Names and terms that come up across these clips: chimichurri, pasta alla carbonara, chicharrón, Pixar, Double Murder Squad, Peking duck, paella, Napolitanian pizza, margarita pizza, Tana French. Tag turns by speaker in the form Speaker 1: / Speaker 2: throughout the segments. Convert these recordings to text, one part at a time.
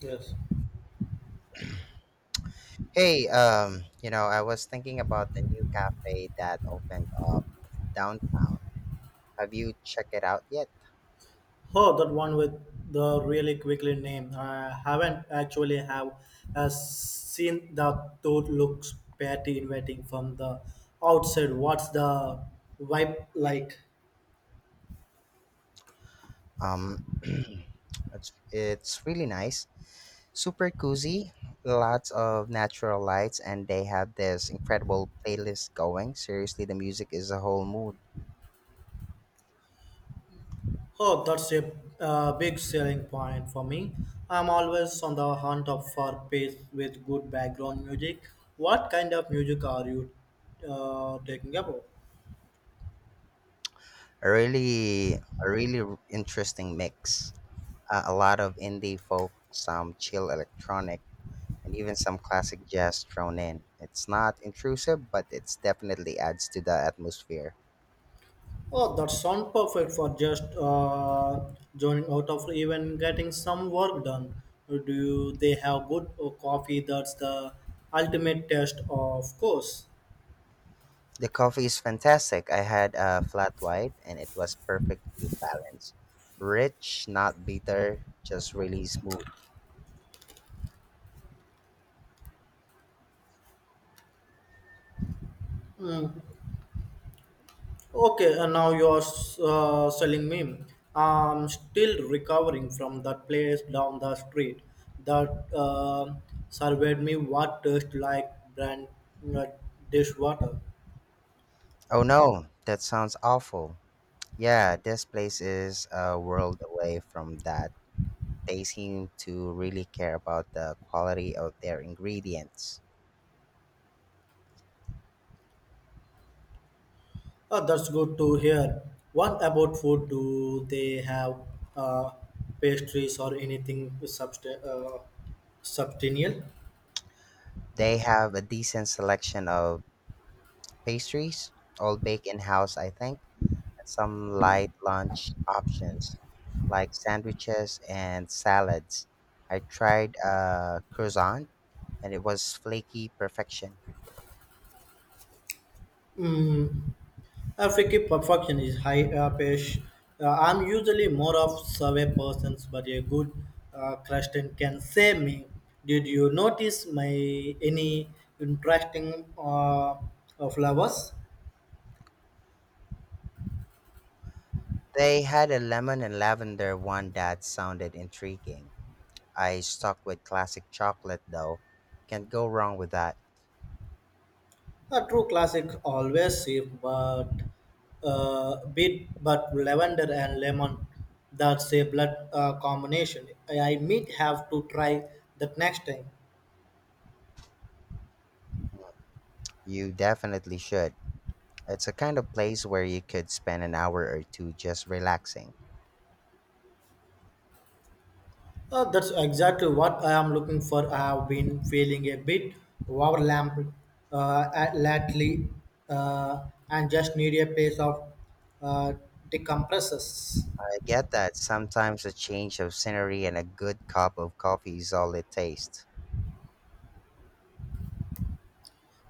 Speaker 1: Yes.
Speaker 2: Hey, I was thinking about the new cafe that opened up downtown. Have you checked it out yet?
Speaker 1: Oh, that one with the really quickly name. I haven't actually have seen the toad looks pretty inviting from the outside. What's the vibe like?
Speaker 2: Um, it's really nice, super cozy, lots of natural lights, and they have this incredible playlist going. Seriously, the music is a whole mood.
Speaker 1: Oh, that's a big selling point for me. I'm always on the hunt of for pace with good background music. What kind of music are you taking about?
Speaker 2: A interesting mix. A lot of indie folk, some chill electronic, and even some classic jazz thrown in. It's not intrusive, but it's definitely adds to the atmosphere.
Speaker 1: Oh, that sounds perfect for just joining out of even getting some work done. Do they have good coffee? That's the ultimate test, of course.
Speaker 2: The coffee is fantastic. I had a flat white, and it was perfectly balanced. Rich, not bitter, just really smooth.
Speaker 1: Okay, and now you are selling me. I'm still recovering from that place down the street that surveyed me what tastes like brand uh, dishwater.
Speaker 2: Oh no, that sounds awful. Yeah, this place is a world away from that. They seem to really care about the quality of their ingredients.
Speaker 1: Oh, that's good to hear. What about food? Do they have uh, pastries or anything substantial?
Speaker 2: They have a decent selection of pastries, all baked in house, I think some light lunch options like sandwiches and salads. I tried a croissant and it was flaky perfection.
Speaker 1: Mm. I think perfection is high pace. I'm usually more of survey persons, but a good question can save me. Did you notice my any interesting flowers?
Speaker 2: They had a lemon and lavender one that sounded intriguing. I stuck with classic chocolate though. Can't go wrong with that.
Speaker 1: A true classic, always safe, but bit but lavender and lemon. That's a blood combination. I might have to try that next time.
Speaker 2: You definitely should. It's a kind of place where you could spend an hour or two just relaxing.
Speaker 1: That's exactly what I am looking for. I have been feeling a bit overwhelmed lately, and just need a place of uh, decompressors.
Speaker 2: I get that. Sometimes a change of scenery and a good cup of coffee is all it takes.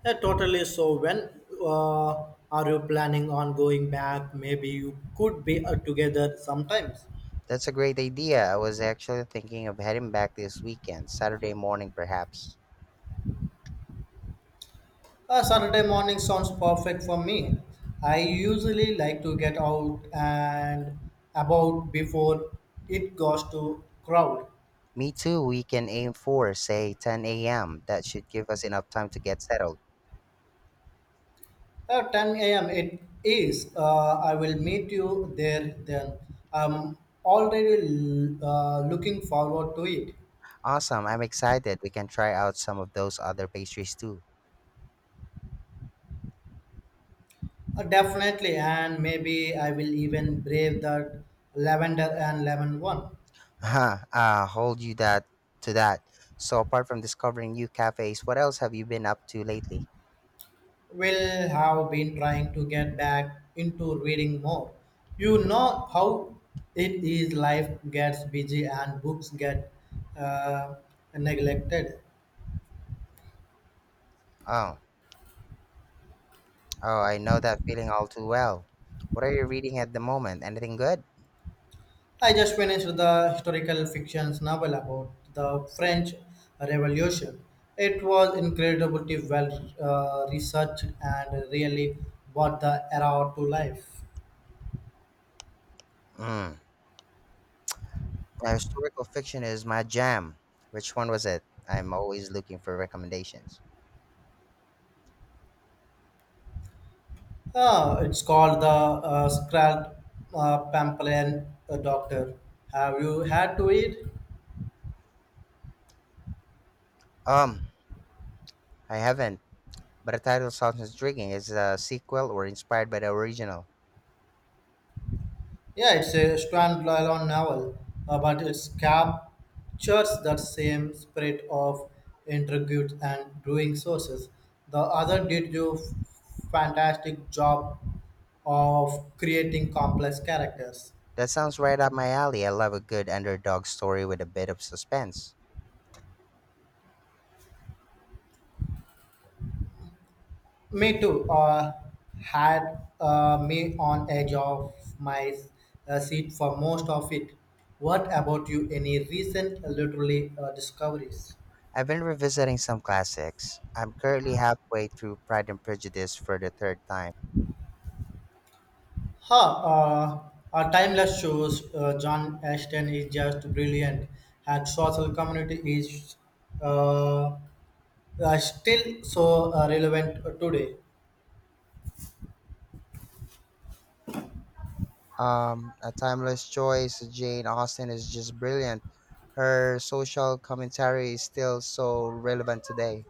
Speaker 1: Yeah, totally. So, when uh, are you planning on going back? Maybe you could be together sometimes.
Speaker 2: That's a great idea. I was actually thinking of heading back this weekend, Saturday morning perhaps.
Speaker 1: Saturday morning sounds perfect for me. I usually like to get out and about before it goes to crowd.
Speaker 2: Me too. We can aim for, say, 10 a.m. That should give us enough time to get settled.
Speaker 1: 10 a.m. it is. I will meet you there then. I'm already looking forward to it.
Speaker 2: Awesome. I'm excited. We can try out some of those other pastries too.
Speaker 1: Definitely, and maybe I will even brave that lavender and lemon one.
Speaker 2: Huh. Hold you that to that. So apart from discovering new cafes, what else have you been up to lately?
Speaker 1: Will have been trying to get back into reading more. You know how it is life gets busy and books get uh, neglected.
Speaker 2: Oh, oh, I know that feeling all too well. What are you reading at the moment? Anything good?
Speaker 1: I just finished the historical fictions novel about the French Revolution. It was incredibly well researched and really brought the era to life.
Speaker 2: Mm. Historical fiction is my jam. Which one was it? I'm always looking for recommendations.
Speaker 1: Ah, it's called the Scrald Pampelan Doctor. Have you had to read?
Speaker 2: Um, I haven't, but the title sounds intriguing. Is it a sequel or inspired by the original?
Speaker 1: Yeah, it's a standalone novel, but it captures that same spirit of intrigues and brewing sources. The other did a fantastic job of creating complex characters.
Speaker 2: That sounds right up my alley. I love a good underdog story with a bit of suspense.
Speaker 1: Me too. Had me on edge of my seat for most of it. What about you? Any recent literary discoveries?
Speaker 2: I've been revisiting some classics. I'm currently halfway through Pride and Prejudice for the third time.
Speaker 1: Huh. Our timeless shows. John Ashton is just brilliant. Her social community is uh, still so relevant today.
Speaker 2: A timeless choice, Jane Austen is just brilliant. Her social commentary is still so relevant today.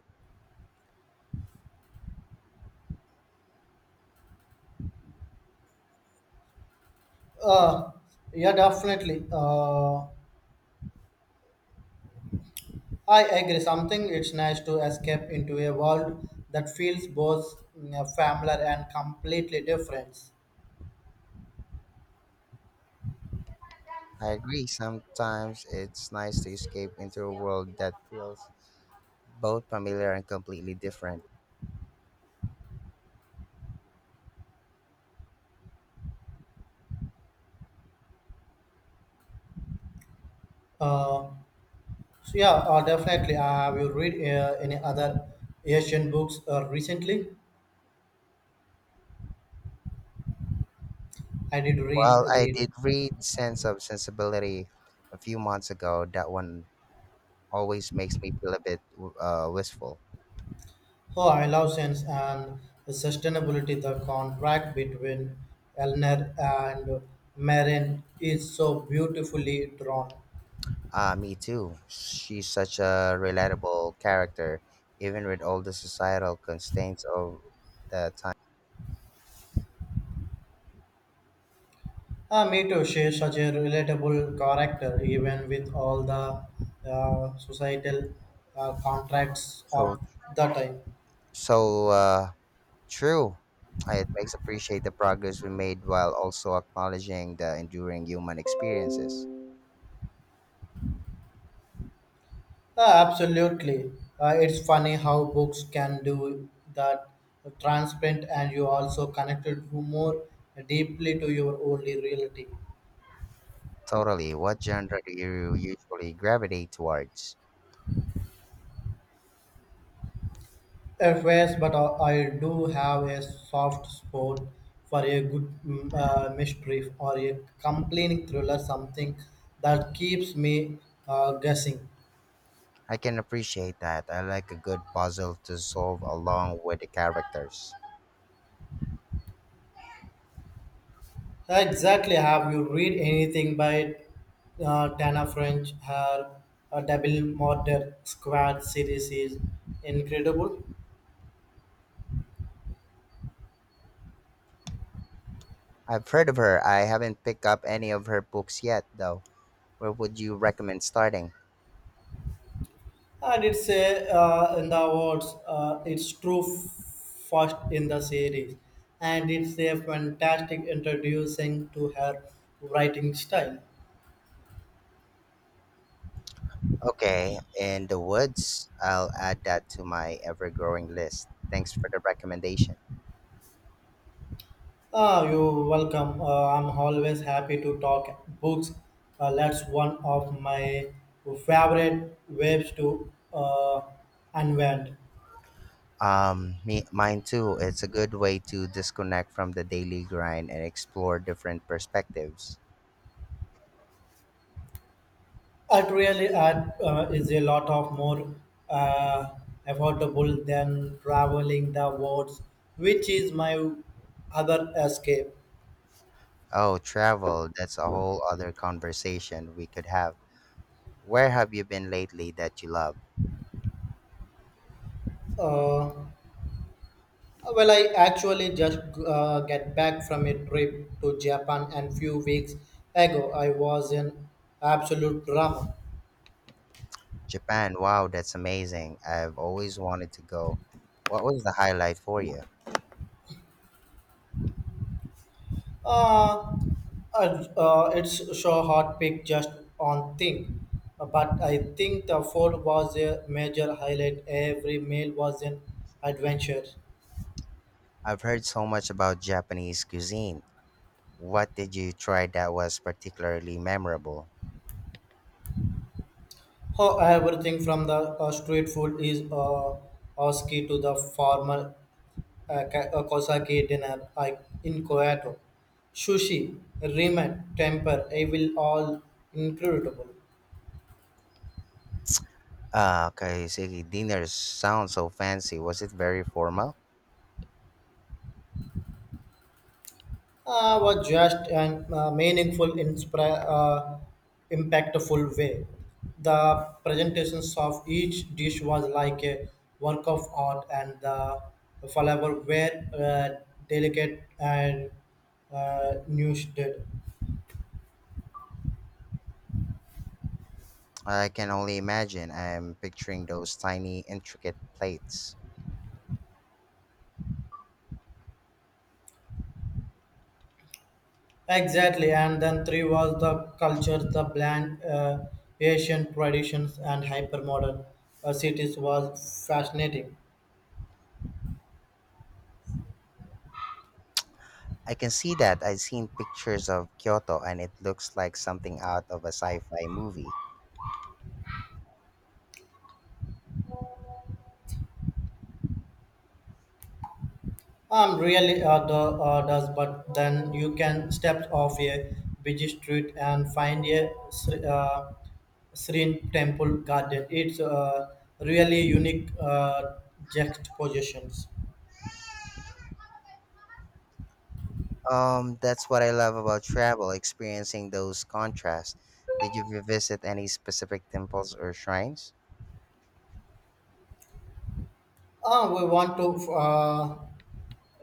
Speaker 1: Uh, yeah, definitely. I agree. Something it's nice to escape into a world that feels both familiar and completely different.
Speaker 2: I agree, sometimes it's nice to escape into a world that feels both familiar and completely different.
Speaker 1: Uh, so yeah, definitely. I have you read any other Asian books recently? I did read
Speaker 2: Well, I
Speaker 1: read.
Speaker 2: did read Sense of Sensibility a few months ago. That one always makes me feel a bit wistful.
Speaker 1: Oh, I love sense and sustainability. The contract between Elner and Marin is so beautifully drawn.
Speaker 2: Ah, me too. She's such a relatable character, even with all the societal constraints of the time.
Speaker 1: Ah, me too. She's such a relatable character, even with all the societal contracts
Speaker 2: So,
Speaker 1: of the time.
Speaker 2: so true. It makes appreciate the progress we made while also acknowledging the enduring human experiences.
Speaker 1: Ah, absolutely. It's funny how books can do that transparent and you also connected to more deeply to your only reality.
Speaker 2: Totally. What genre do you usually gravitate towards?
Speaker 1: At first, but I do have a soft spot for a good mystery or a compelling thriller, something that keeps me guessing.
Speaker 2: I can appreciate that. I like a good puzzle to solve along with the characters.
Speaker 1: Exactly. Have you read anything by Tana French? Her Double Murder Squad series is incredible,
Speaker 2: I've heard of her. I haven't picked up any of her books yet, though. Where would you recommend starting?
Speaker 1: and it's a, in the awards. It's true first in the series, and it's a fantastic introducing to her writing style.
Speaker 2: Okay, in the woods. I'll add that to my ever-growing list. Thanks for the recommendation.
Speaker 1: Ah, you're welcome. I'm always happy to talk books. That's one of my favorite ways to unwind.
Speaker 2: Mine too. It's a good way to disconnect from the daily grind and explore different perspectives.
Speaker 1: It really is a lot of more uh, affordable than traveling the world, which is my other escape.
Speaker 2: Oh, travel. That's a whole other conversation we could have. Where have you been lately that you love?
Speaker 1: Uh, well, I actually just get back from a trip to Japan and few weeks ago. I was in absolute drama.
Speaker 2: Japan. Wow, that's amazing. I've always wanted to go. What was the highlight for you?
Speaker 1: Uh, it's so hard pick just on thing, but I think the food was a major highlight. Every meal was an adventure.
Speaker 2: I've heard so much about Japanese cuisine. What did you try that was particularly memorable?
Speaker 1: Oh, everything from the street food is Oski to the formal Kosaki dinner I, in Kyoto. Sushi, ramen, temper, I will all incredible.
Speaker 2: Ah, kaiseki dinner sounds so fancy. Was it very formal?
Speaker 1: Was just and meaningful, impactful way. The presentations of each dish was like a work of art, and the flavor were uh, delicate and did.
Speaker 2: I can only imagine. I'm picturing those tiny, intricate plates.
Speaker 1: Exactly, and then three was the culture, the blend, Asian traditions, and hypermodern cities was fascinating.
Speaker 2: I can see that. I've seen pictures of Kyoto and it looks like something out of a sci fi movie.
Speaker 1: Really does, but then you can step off a busy street and find a serene temple garden. It's really unique juxtapositions.
Speaker 2: That's what I love about travel, experiencing those contrasts. Did you visit any specific temples or shrines?
Speaker 1: Ah, we want to uh,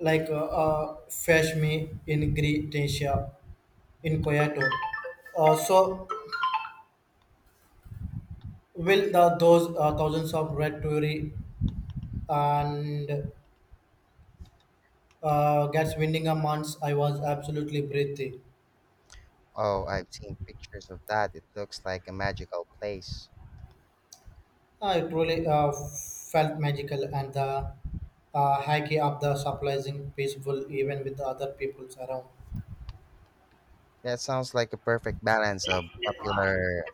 Speaker 1: like uh, uh, fetch me in Grecia, in Kyoto. So will the, those thousands of red touri and gets winning a month? I was absolutely breathy.
Speaker 2: Oh, I've seen pictures of that. It looks like a magical place.
Speaker 1: It really felt magical, and the hacking of the surprising peaceful even with the other peoples around.
Speaker 2: That sounds like a perfect balance of popular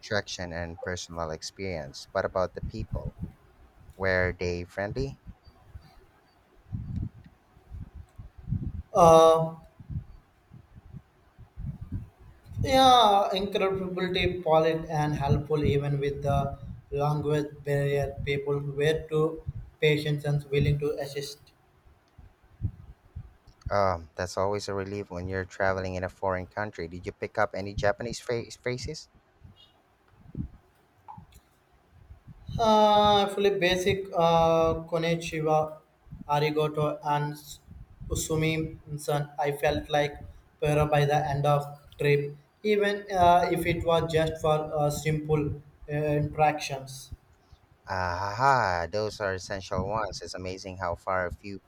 Speaker 2: attraction and personal experience. What about the people? Were they friendly?
Speaker 1: Uh, yeah, incredibility, polite and helpful even with the language barrier. People were too patient and willing to assist.
Speaker 2: That's always a relief when you're traveling in a foreign country. Did you pick up any Japanese phrases?
Speaker 1: Actually, basic Konnichiwa, Arigato, and Usumi. San, I felt like Pero by the end of trip, even if it was just for simple interactions.
Speaker 2: Aha, those are essential ones. It's amazing how far a few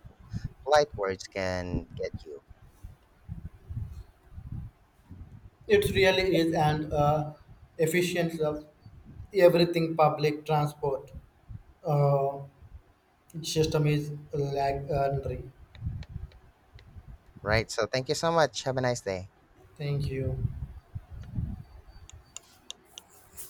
Speaker 2: polite words can get you.
Speaker 1: It really is an efficiency of everything public transport uh, system is legendary.
Speaker 2: Right. So thank you so much. Have a nice day.
Speaker 1: Thank you.